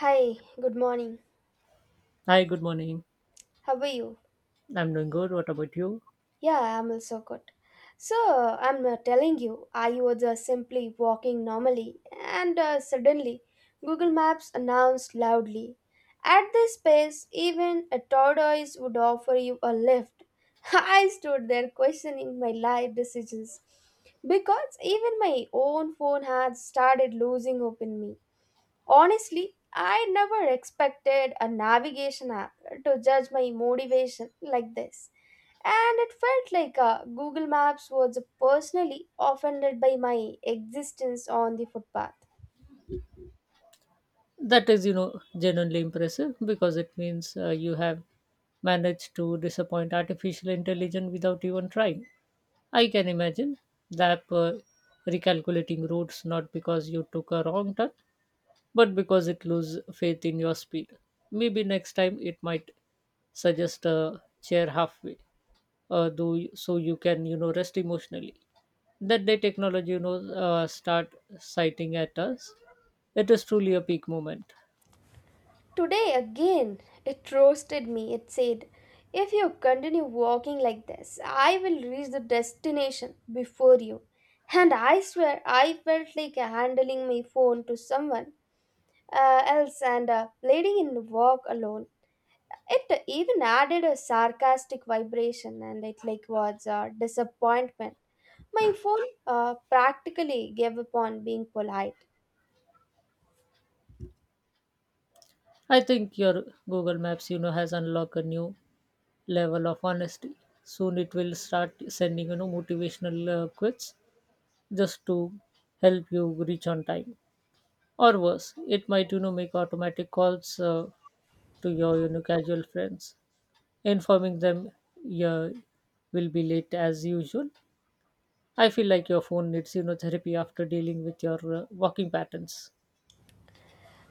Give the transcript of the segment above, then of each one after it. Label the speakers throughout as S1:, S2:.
S1: Hi, good morning.
S2: Hi, good morning.
S1: How are you?
S2: I'm doing good. What about you?
S1: Yeah, I'm also good. So, I'm telling you, I was simply walking normally, and suddenly, Google Maps announced loudly. At this space, even a tortoise would offer you a lift. I stood there questioning my life decisions because even my own phone had started losing hope in me. Honestly, I never expected a navigation app to judge my motivation like this. And it felt like Google Maps was personally offended by my existence on the footpath.
S2: That is, genuinely impressive because it means you have managed to disappoint artificial intelligence without even trying. I can imagine that recalculating routes not because you took a wrong turn, but because it lose faith in your speed. Maybe next time it might suggest a chair halfway, so you can, rest emotionally. That day, technology, start citing at us. It is truly a peak moment.
S1: Today, again, it roasted me. It said, if you continue walking like this, I will reach the destination before you. And I swear, I felt like handling my phone to someone else and letting it walk alone. It even added a sarcastic vibration and it like was a disappointment. My phone practically gave up on being polite.
S2: I think your Google Maps, has unlocked a new level of honesty. Soon it will start sending, motivational quotes just to help you reach on time. Or worse, it might, make automatic calls to your casual friends, informing them you will be late as usual. I feel like your phone needs therapy after dealing with your walking patterns.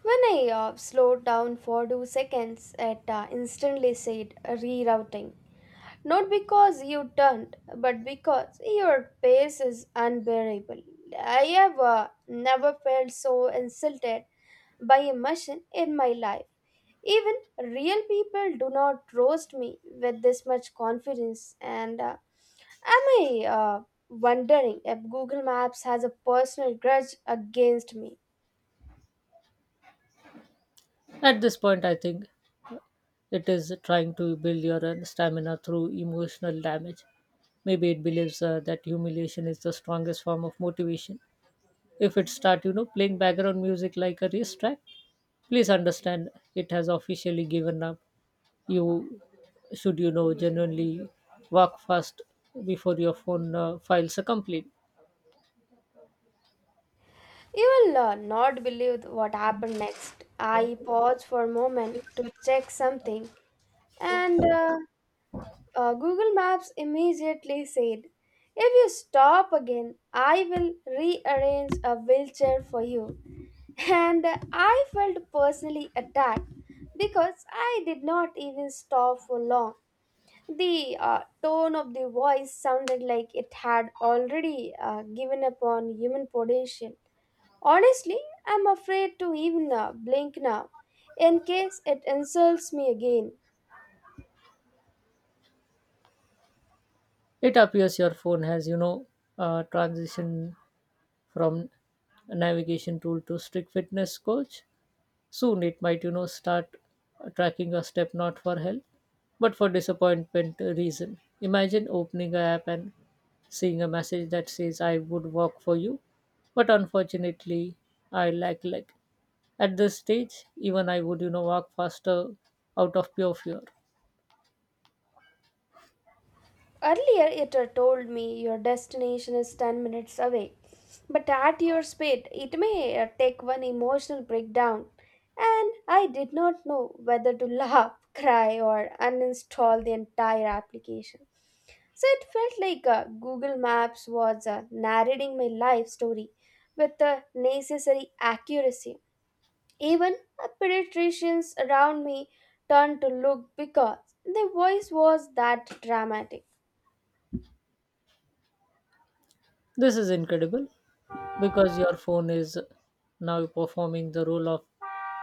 S1: When I slowed down for 2 seconds, it instantly said rerouting. Not because you turned, but because your pace is unbearable. I have never felt so insulted by a machine in my life. Even real people do not roast me with this much confidence. And am I wondering if Google Maps has a personal grudge against me?
S2: At this point, I think it is trying to build your stamina through emotional damage. Maybe it believes that humiliation is the strongest form of motivation. If it start playing background music like a race track, please understand it has officially given up. You should genuinely walk fast before your phone files a complaint.
S1: You will not believe what happened next. I paused for a moment to check something, and Google Maps immediately said, if you stop again, I will rearrange a wheelchair for you. And I felt personally attacked because I did not even stop for long. The tone of the voice sounded like it had already given up on human potential. Honestly, I'm afraid to even blink now in case it insults me again.
S2: It appears your phone has transition from navigation tool to strict fitness coach. Soon it might, start tracking a step not for health, but for disappointment reason. Imagine opening a app and seeing a message that says, I would walk for you, but unfortunately, I lack leg. At this stage, even I would, walk faster out of pure fear.
S1: Earlier, it had told me your destination is 10 minutes away, but at your speed, it may take one emotional breakdown. And I did not know whether to laugh, cry, or uninstall the entire application. So it felt like Google Maps was narrating my life story with the necessary accuracy. Even the pediatricians around me turned to look because their voice was that dramatic.
S2: This is incredible because your phone is now performing the role of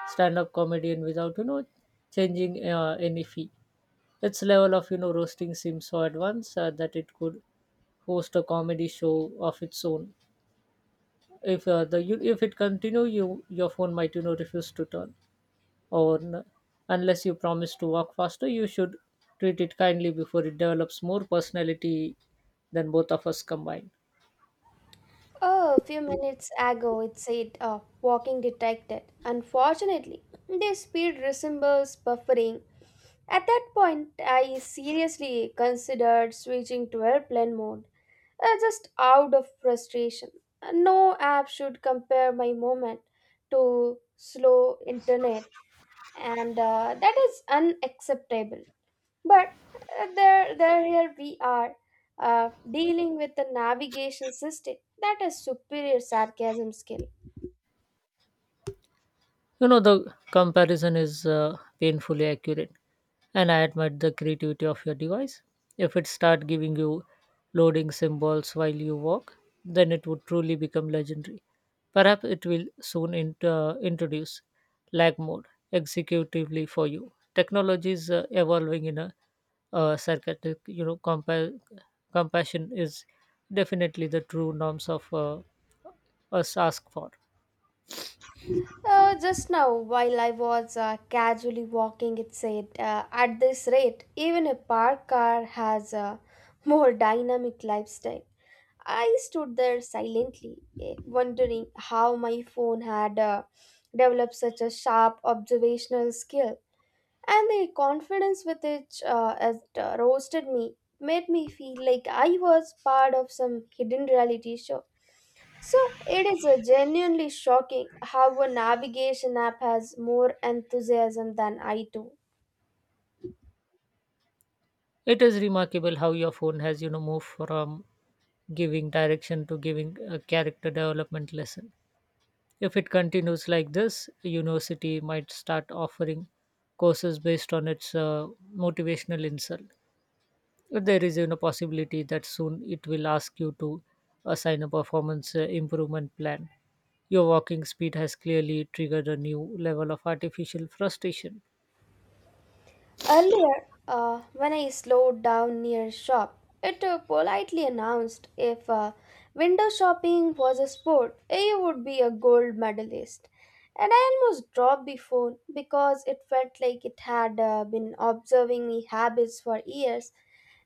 S2: stand-up comedian without changing any fee. Its level of roasting seems so advanced that it could host a comedy show of its own. If it continue, your phone might refuse to turn or n- unless you promise to walk faster. You should treat it kindly before it develops more personality than both of us combined.
S1: Oh, a few minutes ago it said walking detected. Unfortunately, the speed resembles buffering. At that point, I seriously considered switching to airplane mode, just out of frustration. No app should compare my moment to slow internet, and that is unacceptable, but there there here we are, uh, dealing with a navigation system that has superior sarcasm skill.
S2: You know, the comparison is painfully accurate, and I admire the creativity of your device. If it start giving you loading symbols while you walk, then it would truly become legendary. Perhaps it will soon introduce lag mode executively for you. Technology is evolving in a sarcastic, compassion is definitely the true norms of us ask for.
S1: Just now, while I was casually walking, it said, at this rate even a parked car has a more dynamic lifestyle. I stood there silently, wondering how my phone had developed such a sharp observational skill, and the confidence with which it roasted me made me feel like I was part of some hidden reality show. So it is genuinely shocking how a navigation app has more enthusiasm than I do.
S2: It is remarkable how your phone has, moved from giving direction to giving a character development lesson. If it continues like this, a university might start offering courses based on its motivational insult. There is, possibility that soon it will ask you to assign a performance improvement plan. Your walking speed has clearly triggered a new level of artificial frustration.
S1: Earlier, when I slowed down near a shop, it politely announced, if window shopping was a sport, I would be a gold medalist. And I almost dropped the phone because it felt like it had been observing me habits for years,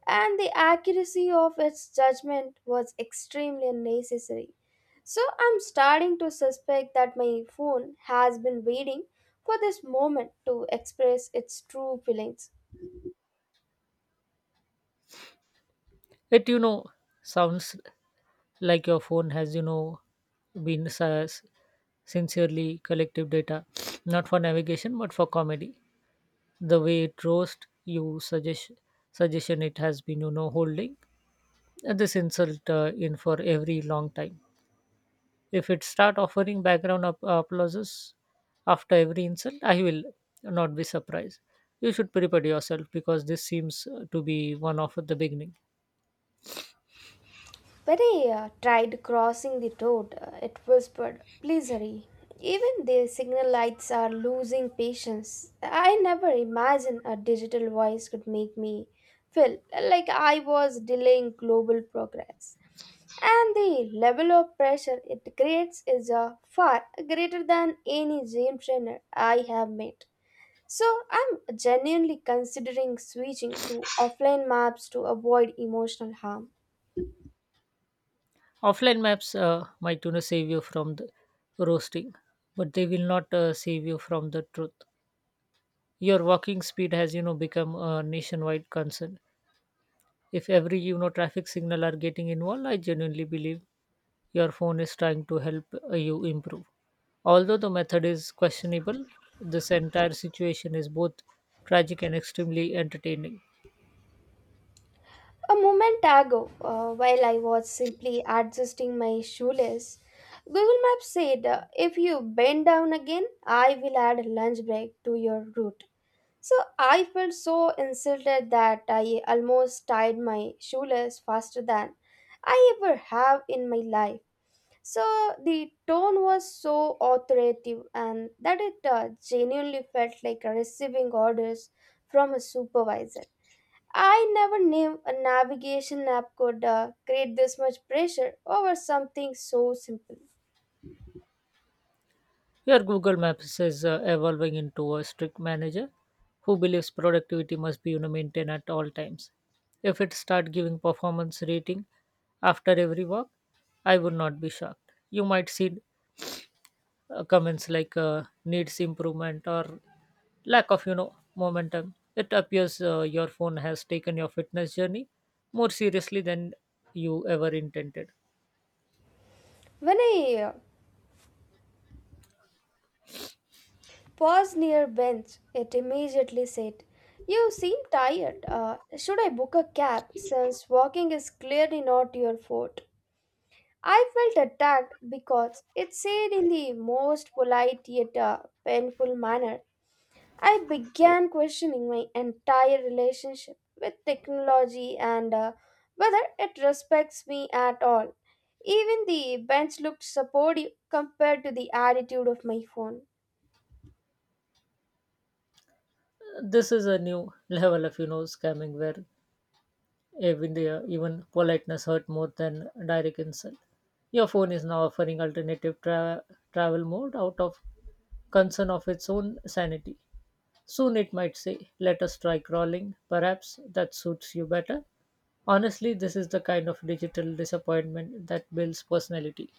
S1: and the accuracy of its judgment was extremely unnecessary. So I'm starting to suspect that my phone has been waiting for this moment to express its true feelings.
S2: It, sounds like your phone has been s- sincerely collective data not for navigation but for comedy. The way it roast you suggestion it has been holding this insult in for every long time. If it start offering background applauses after every insult, I will not be surprised. You should prepare yourself because this seems to be one of the beginning.
S1: When I tried crossing the road, it whispered, please hurry. Even the signal lights are losing patience. I never imagined a digital voice could make me feel like I was delaying global progress. And the level of pressure it creates is far greater than any gym trainer I have met. So I'm genuinely considering switching to offline maps to avoid emotional harm.
S2: Offline maps might save you from the roasting, but they will not save you from the truth. Your walking speed has become a nationwide concern. If every traffic signal are getting involved, I genuinely believe your phone is trying to help you improve. Although the method is questionable, this entire situation is both tragic and extremely entertaining.
S1: A moment ago, while I was simply adjusting my shoelace, Google Maps said, if you bend down again, I will add lunch break to your route. So I felt so insulted that I almost tied my shoelace faster than I ever have in my life. So the tone was so authoritative and that it genuinely felt like receiving orders from a supervisor. I never knew a navigation app could create this much pressure over something so simple.
S2: Your Google Maps is evolving into a strict manager who believes productivity must be, maintained at all times. If it start giving performance rating after every walk, I would not be shocked. You might see comments like needs improvement or lack of momentum. It appears your phone has taken your fitness journey more seriously than you ever intended.
S1: When I paused near a bench, it immediately said, you seem tired. Should I book a cab since walking is clearly not your forte? I felt attacked because it said in the most polite yet painful manner. I began questioning my entire relationship with technology and whether it respects me at all. Even the bench looked supportive compared to the attitude of my phone.
S2: This is a new level of scamming where even politeness hurt more than direct insult. Your phone is now offering alternative travel mode out of concern of its own sanity. Soon it might say, "Let us try crawling. Perhaps that suits you better." Honestly, this is the kind of digital disappointment that builds personality.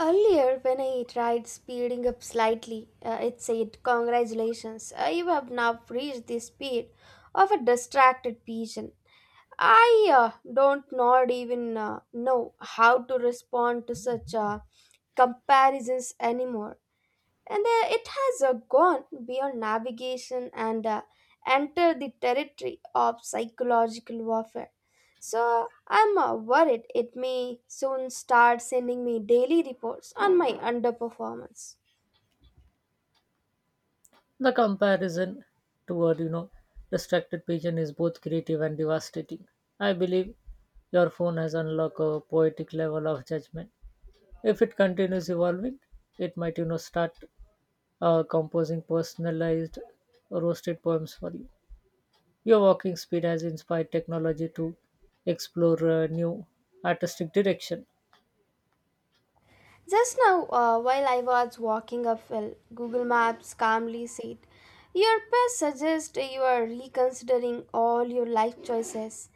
S1: Earlier, when I tried speeding up slightly, it said, congratulations, you have now reached the speed of a distracted pigeon. I don't not even know how to respond to such comparisons anymore. And it has gone beyond navigation and entered the territory of psychological warfare. So I'm worried it may soon start sending me daily reports on my underperformance.
S2: The comparison toward, distracted pigeon is both creative and devastating. I believe your phone has unlocked a poetic level of judgment. If it continues evolving, it might, start composing personalized roasted poems for you. Your walking speed has inspired technology to explore new artistic direction.
S1: Just now, while I was walking uphill, Google Maps calmly said, your past suggests you are reconsidering all your life choices.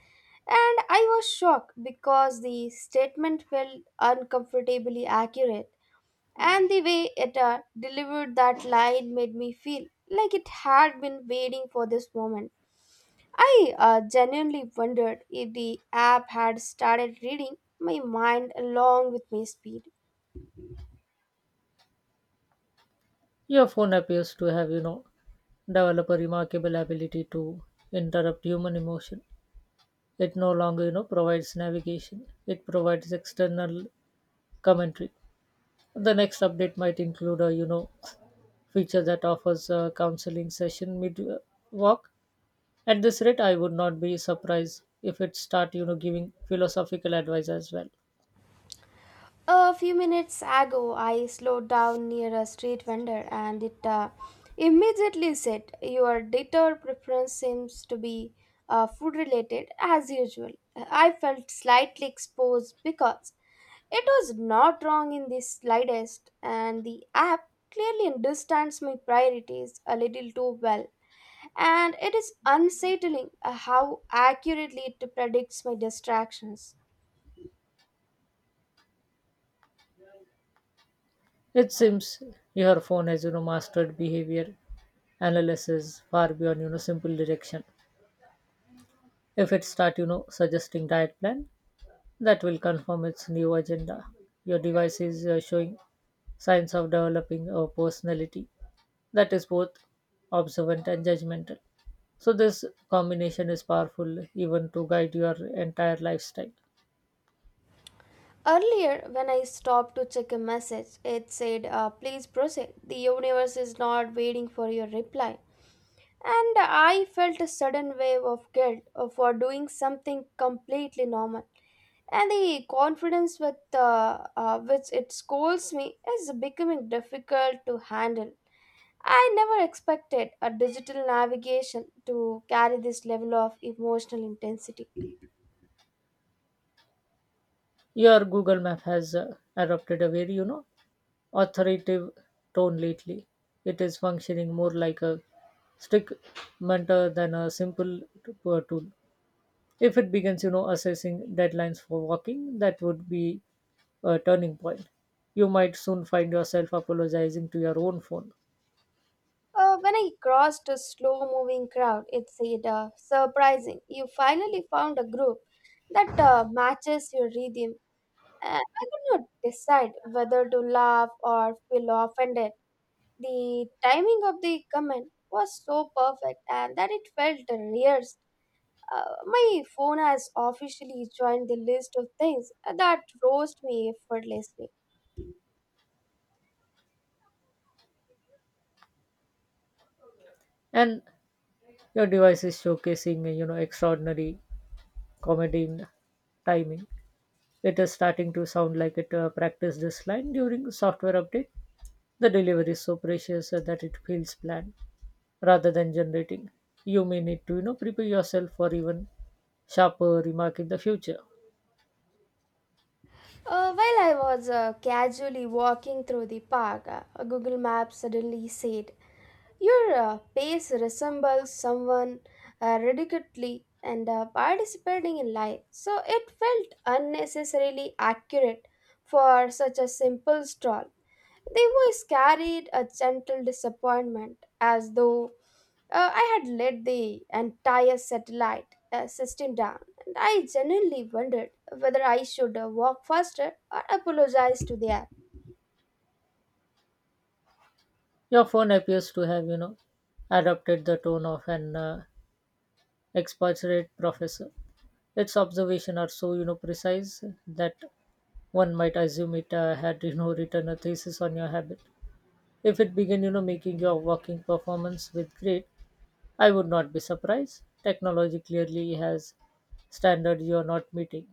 S1: And I was shocked because the statement felt uncomfortably accurate. And the way Etta delivered that line made me feel like it had been waiting for this moment. I genuinely wondered if the app had started reading my mind along with my speed.
S2: Your phone appears to have, developed a remarkable ability to interrupt human emotion. It no longer, provides navigation. It provides external commentary. The next update might include a, feature that offers a counseling session mid walk. At this rate, I would not be surprised if it start, giving philosophical advice as well.
S1: A few minutes ago, I slowed down near a street vendor and it immediately said, your data preference seems to be food related as usual. I felt slightly exposed because it was not wrong in the slightest, and the app clearly understands my priorities a little too well. And it is unsettling how accurately it predicts my distractions.
S2: It seems your phone has, mastered behavior analysis far beyond, simple direction. If it start, suggesting diet plan, that will confirm its new agenda. Your device is showing signs of developing a personality that is both observant and judgmental. So this combination is powerful even to guide your entire lifestyle.
S1: Earlier, when I stopped to check a message, it said, please proceed. The universe is not waiting for your reply. And I felt a sudden wave of guilt for doing something completely normal. And the confidence with which it scolds me is becoming difficult to handle. I never expected a digital navigation to carry this level of emotional intensity.
S2: Your Google Map has adopted a very, authoritative tone lately. It is functioning more like a strict mentor than a simple tool. If it begins, assessing deadlines for walking, that would be a turning point. You might soon find yourself apologizing to your own phone,
S1: When I crossed a slow moving crowd, it said, surprising, you finally found a group that matches your rhythm. I could not decide whether to laugh or feel offended. The timing of the comment was so perfect and that it felt rehearsed. My phone has officially joined the list of things that roast me effortlessly.
S2: and your device is showcasing, extraordinary comedy in timing. It is starting to sound like it practiced this line during software update. The delivery is so precious that it feels planned rather than generating. You may need to, prepare yourself for even sharper remark in the future.
S1: While I was casually walking through the park, Google Maps suddenly said, your pace resembles someone ridiculously and participating in life. So it felt unnecessarily accurate for such a simple stroll. The voice carried a gentle disappointment, as though I had let the entire satellite system down, and I genuinely wondered whether I should walk faster or apologize to the app.
S2: Your phone appears to have, adopted the tone of an expert professor. Its observations are so, precise that one might assume it had, written a thesis on your habit. If it began, making your working performance with grade, I would not be surprised. Technology clearly has standards you are not meeting.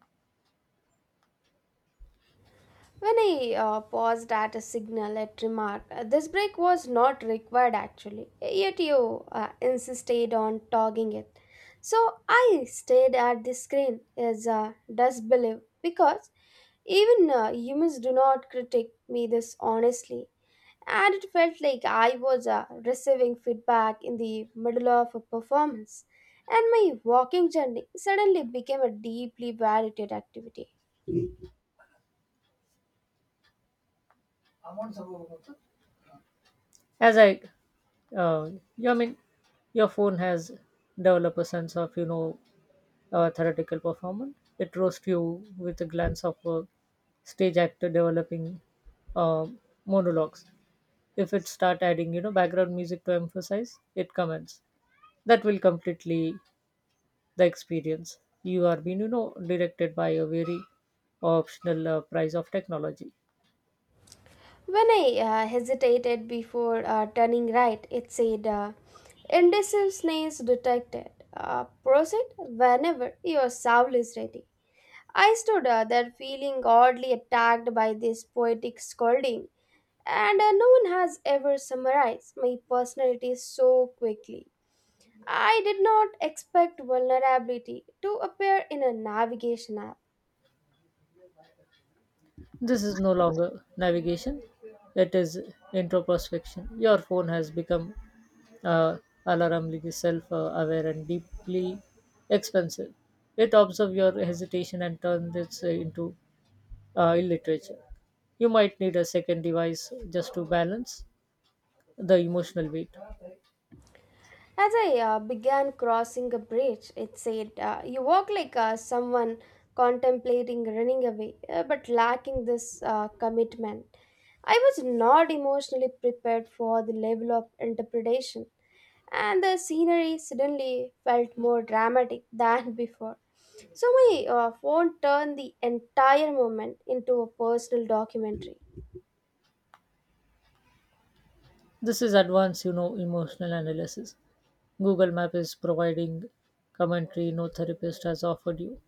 S1: When I paused at a signal, it remarked, this break was not required actually, yet you insisted on toggling it. So I stared at the screen as a disbelief because even humans do not critique me this honestly, and it felt like I was receiving feedback in the middle of a performance, and my walking journey suddenly became a deeply valued activity.
S2: As I, uh, I mean, your phone has developed a sense of theoretical performance. It roasts you with a glance of a stage actor developing uh, monologues. If it start adding background music to emphasize, it comments. That will completely the experience. You are being directed by a very optional price of technology.
S1: When I hesitated before turning right, it said, indecisiveness detected. Proceed whenever your soul is ready. I stood there feeling oddly attacked by this poetic scolding, and no one has ever summarized my personality so quickly. I did not expect vulnerability to appear in a navigation app.
S2: This is no longer navigation, it is introspection. Your phone has become uh, alarmingly self aware and deeply expensive. It observes your hesitation and turns it into literature. You might need a second device just to balance the emotional weight.
S1: As I began crossing a bridge, it said, you walk like someone contemplating running away, but lacking this commitment. I was not emotionally prepared for the level of interpretation, and the scenery suddenly felt more dramatic than before. So my phone turned the entire moment into a personal documentary.
S2: This is advanced, emotional analysis. Google Map is providing commentary no therapist has offered you.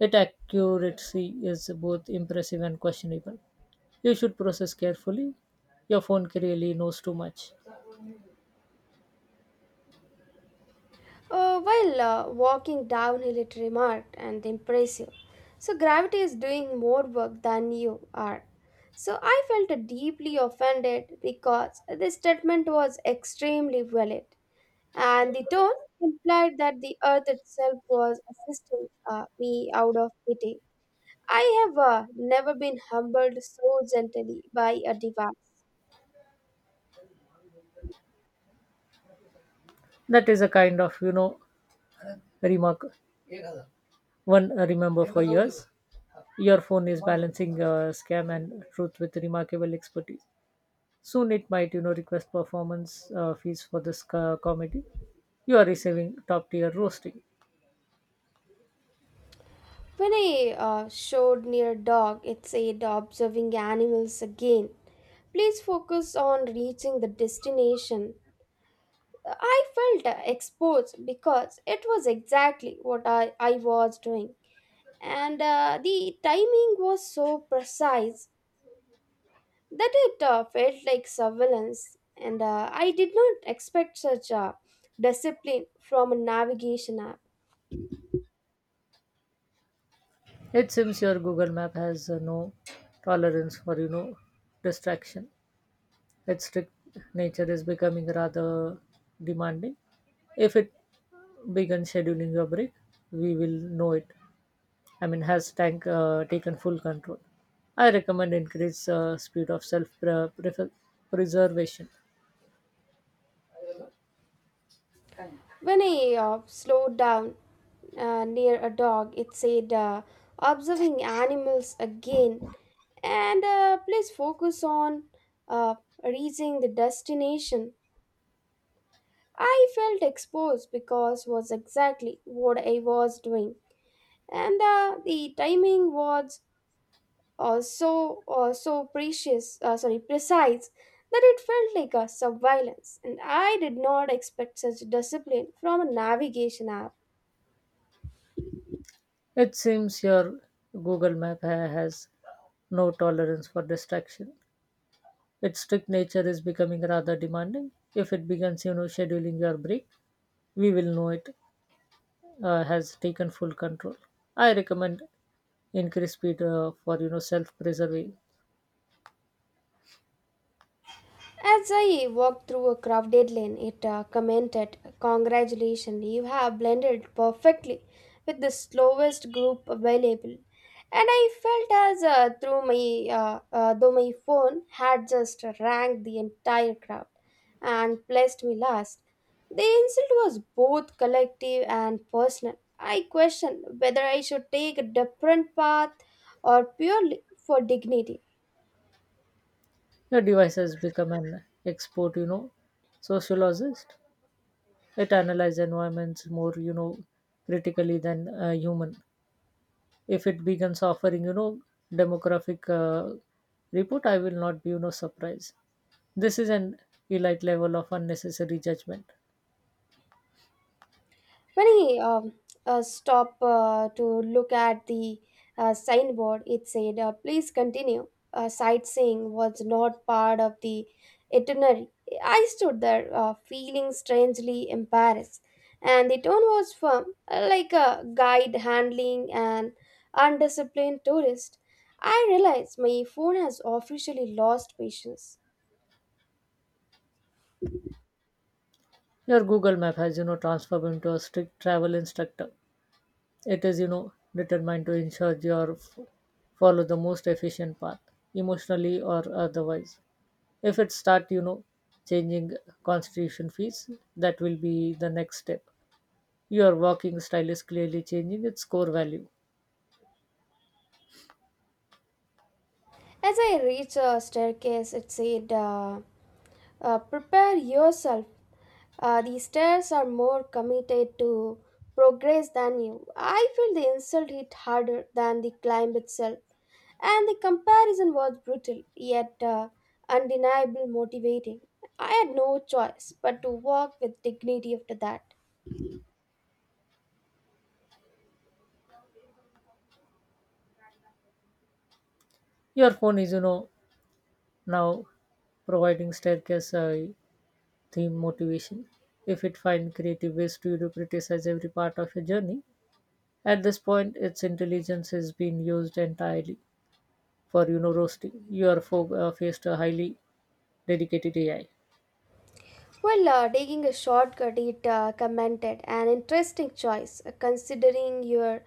S2: Its accuracy is both impressive and questionable. You should process carefully. Your phone really knows too much.
S1: While walking downhill, it remarked and impressive. So gravity is doing more work than you are. So I felt deeply offended because this statement was extremely valid, and the tone implied that the earth itself was assisting me out of pity. I have never been humbled so gently by a device.
S2: That is a kind of, remark one remember for years. Your phone is balancing scam and truth with remarkable expertise. Soon it might, request performance fees for this comedy. You are receiving top tier roasting.
S1: When I showed near dog, it said observing animals again. Please focus on reaching the destination. I felt exposed because it was exactly what I was doing. And the timing was so precise that it felt like surveillance. And I did not expect such discipline from a navigation app.
S2: It seems your Google Map has no tolerance for, distraction. Its strict nature is becoming rather demanding. If it begins scheduling your break, we will know it. I mean, has tank taken full control? I recommend increase speed of self preservation.
S1: When I slowed down, near a dog. It said, observing animals again and please focus on uh, reaching the destination. I felt exposed because was exactly what I was doing, and the timing was so precise, that it felt like a surveillance, and I did not expect such discipline from a navigation app.
S2: It seems your Google Map has no tolerance for distraction. Its strict nature is becoming rather demanding. If it begins, scheduling your break, we will know it. Has taken full control. I recommend increase speed for self preserving.
S1: As I walked through a crowded lane, it commented, "Congratulations, you have blended perfectly with the slowest group available." And I felt as though my phone had just ranked the entire crowd and placed me last. The insult was both collective and personal. I questioned whether I should take a different path or purely for dignity.
S2: Your device has become an expert sociologist. It analyzes environments more critically than a human. If it begins offering demographic report, I will not be surprised. This is an elite level of unnecessary judgment.
S1: When he stopped to look at the signboard, it said, "Please continue. Sightseeing was not part of the itinerary." I stood there feeling strangely embarrassed, and the tone was firm, like a guide handling an undisciplined tourist. I realized my phone has officially lost patience.
S2: Your Google Map has transformed into a strict travel instructor. It is, determined to ensure you are follow the most efficient path, emotionally or otherwise. If it start, changing constitution fees, that will be the next step. Your walking style is clearly changing its core value.
S1: As I reached a staircase, it said, "Prepare yourself. The stairs are more committed to progress than you." I feel the insult hit harder than the climb itself, and the comparison was brutal yet undeniably motivating. I had no choice but to walk with dignity after that.
S2: Your phone is, now providing staircase theme motivation. If it find creative ways to, criticize every part of your journey, at this point its intelligence is being used entirely for roasting. Your faced a highly dedicated AI.
S1: Well, taking a shortcut, it commented, "An interesting choice considering your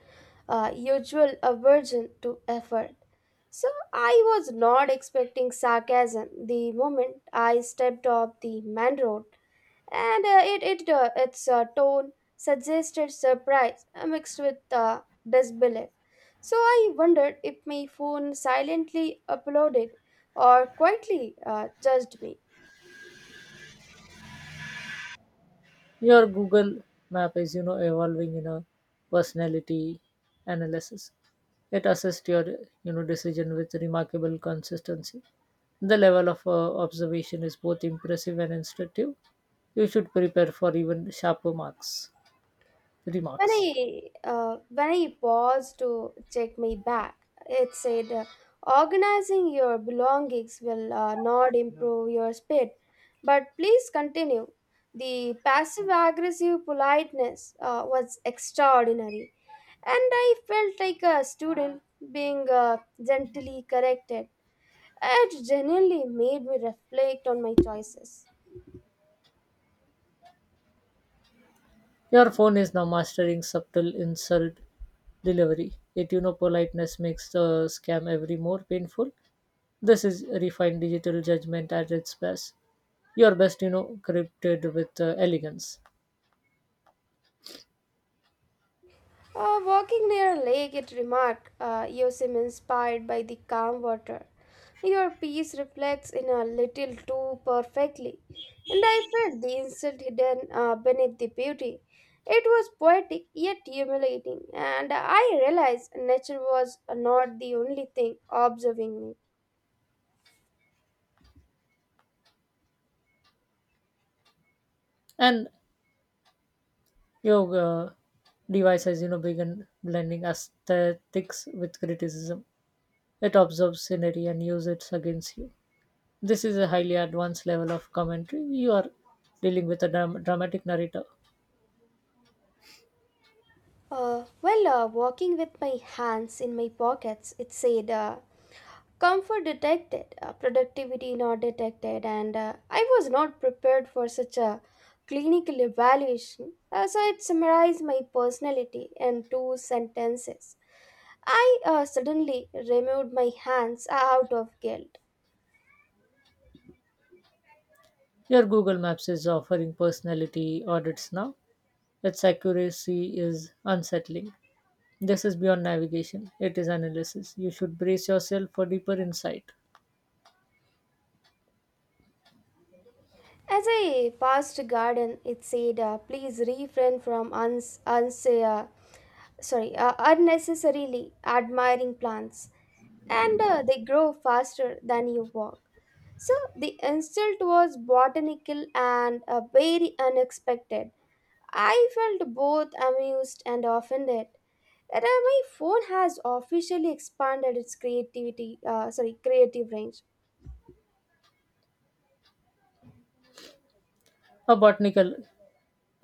S1: usual aversion to effort." So I was not expecting sarcasm the moment I stepped off the main road, and it, it its tone suggested surprise mixed with disbelief. So I wondered if my phone silently applauded or quietly judged me.
S2: Your Google Map is evolving in a personality analysis. It assists your decision with remarkable consistency. The level of observation is both impressive and instructive. You should prepare for even sharper marks
S1: When
S2: remarks.
S1: I when I paused to check my bag, it said, "Organizing your belongings will not improve your speed, but please continue." The passive-aggressive politeness was extraordinary, and I felt like a student being gently corrected. It genuinely made me reflect on my choices.
S2: Your phone is now mastering subtle insult delivery. Yet politeness makes the scam every more painful. This is refined digital judgment at its best. Your best, crypted with elegance.
S1: Walking near a lake, it remarked, "You seem inspired by the calm water. Your peace reflects in a little too perfectly." And I felt the insult hidden beneath the beauty. It was poetic yet humiliating, and I realized nature was not the only thing observing me.
S2: And your device has, begun blending aesthetics with criticism. It observes scenery and uses it against you. This is a highly advanced level of commentary. You are dealing with a dramatic narrator.
S1: Walking with my hands in my pockets, it said, "Comfort detected, productivity not detected," and I was not prepared for such a clinical evaluation. So it summarized my personality in two sentences. I suddenly removed my hands out of guilt.
S2: Your Google Maps is offering personality audits now. Its accuracy is unsettling. This is beyond navigation, it is analysis. You should brace yourself for deeper insight.
S1: As I passed a garden, it said, "Please refrain from unnecessarily admiring plants, and they grow faster than you walk." So the insult was botanical and very unexpected. I felt both amused and offended. That my phone has officially expanded its creative range.
S2: A botanical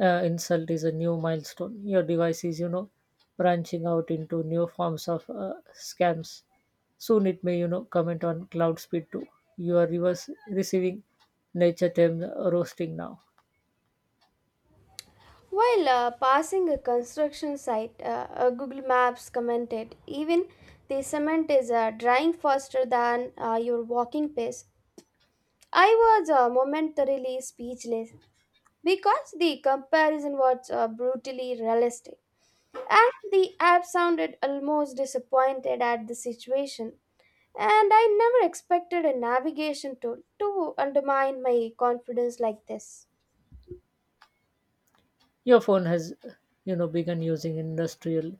S2: insult is a new milestone. Your device is, branching out into new forms of scams. Soon it may, comment on cloud speed too. You are reverse receiving nature term roasting now.
S1: While passing a construction site, Google Maps commented, "Even the cement is drying faster than your walking pace." I was momentarily speechless because the comparison was brutally realistic. And the app sounded almost disappointed at the situation, and I never expected a navigation tool to undermine my confidence like this.
S2: Your phone has, begun using industrial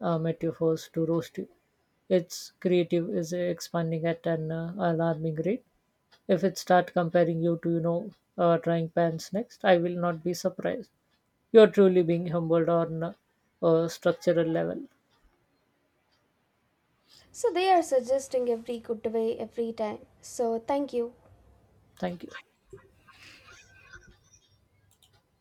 S2: metaphors to roast you. Its creative is expanding at an alarming rate. If it start comparing you to trying pans next, I will not be surprised. You are truly being humbled on a structural level.
S1: So they are suggesting every good way every time. So thank you.
S2: Thank you.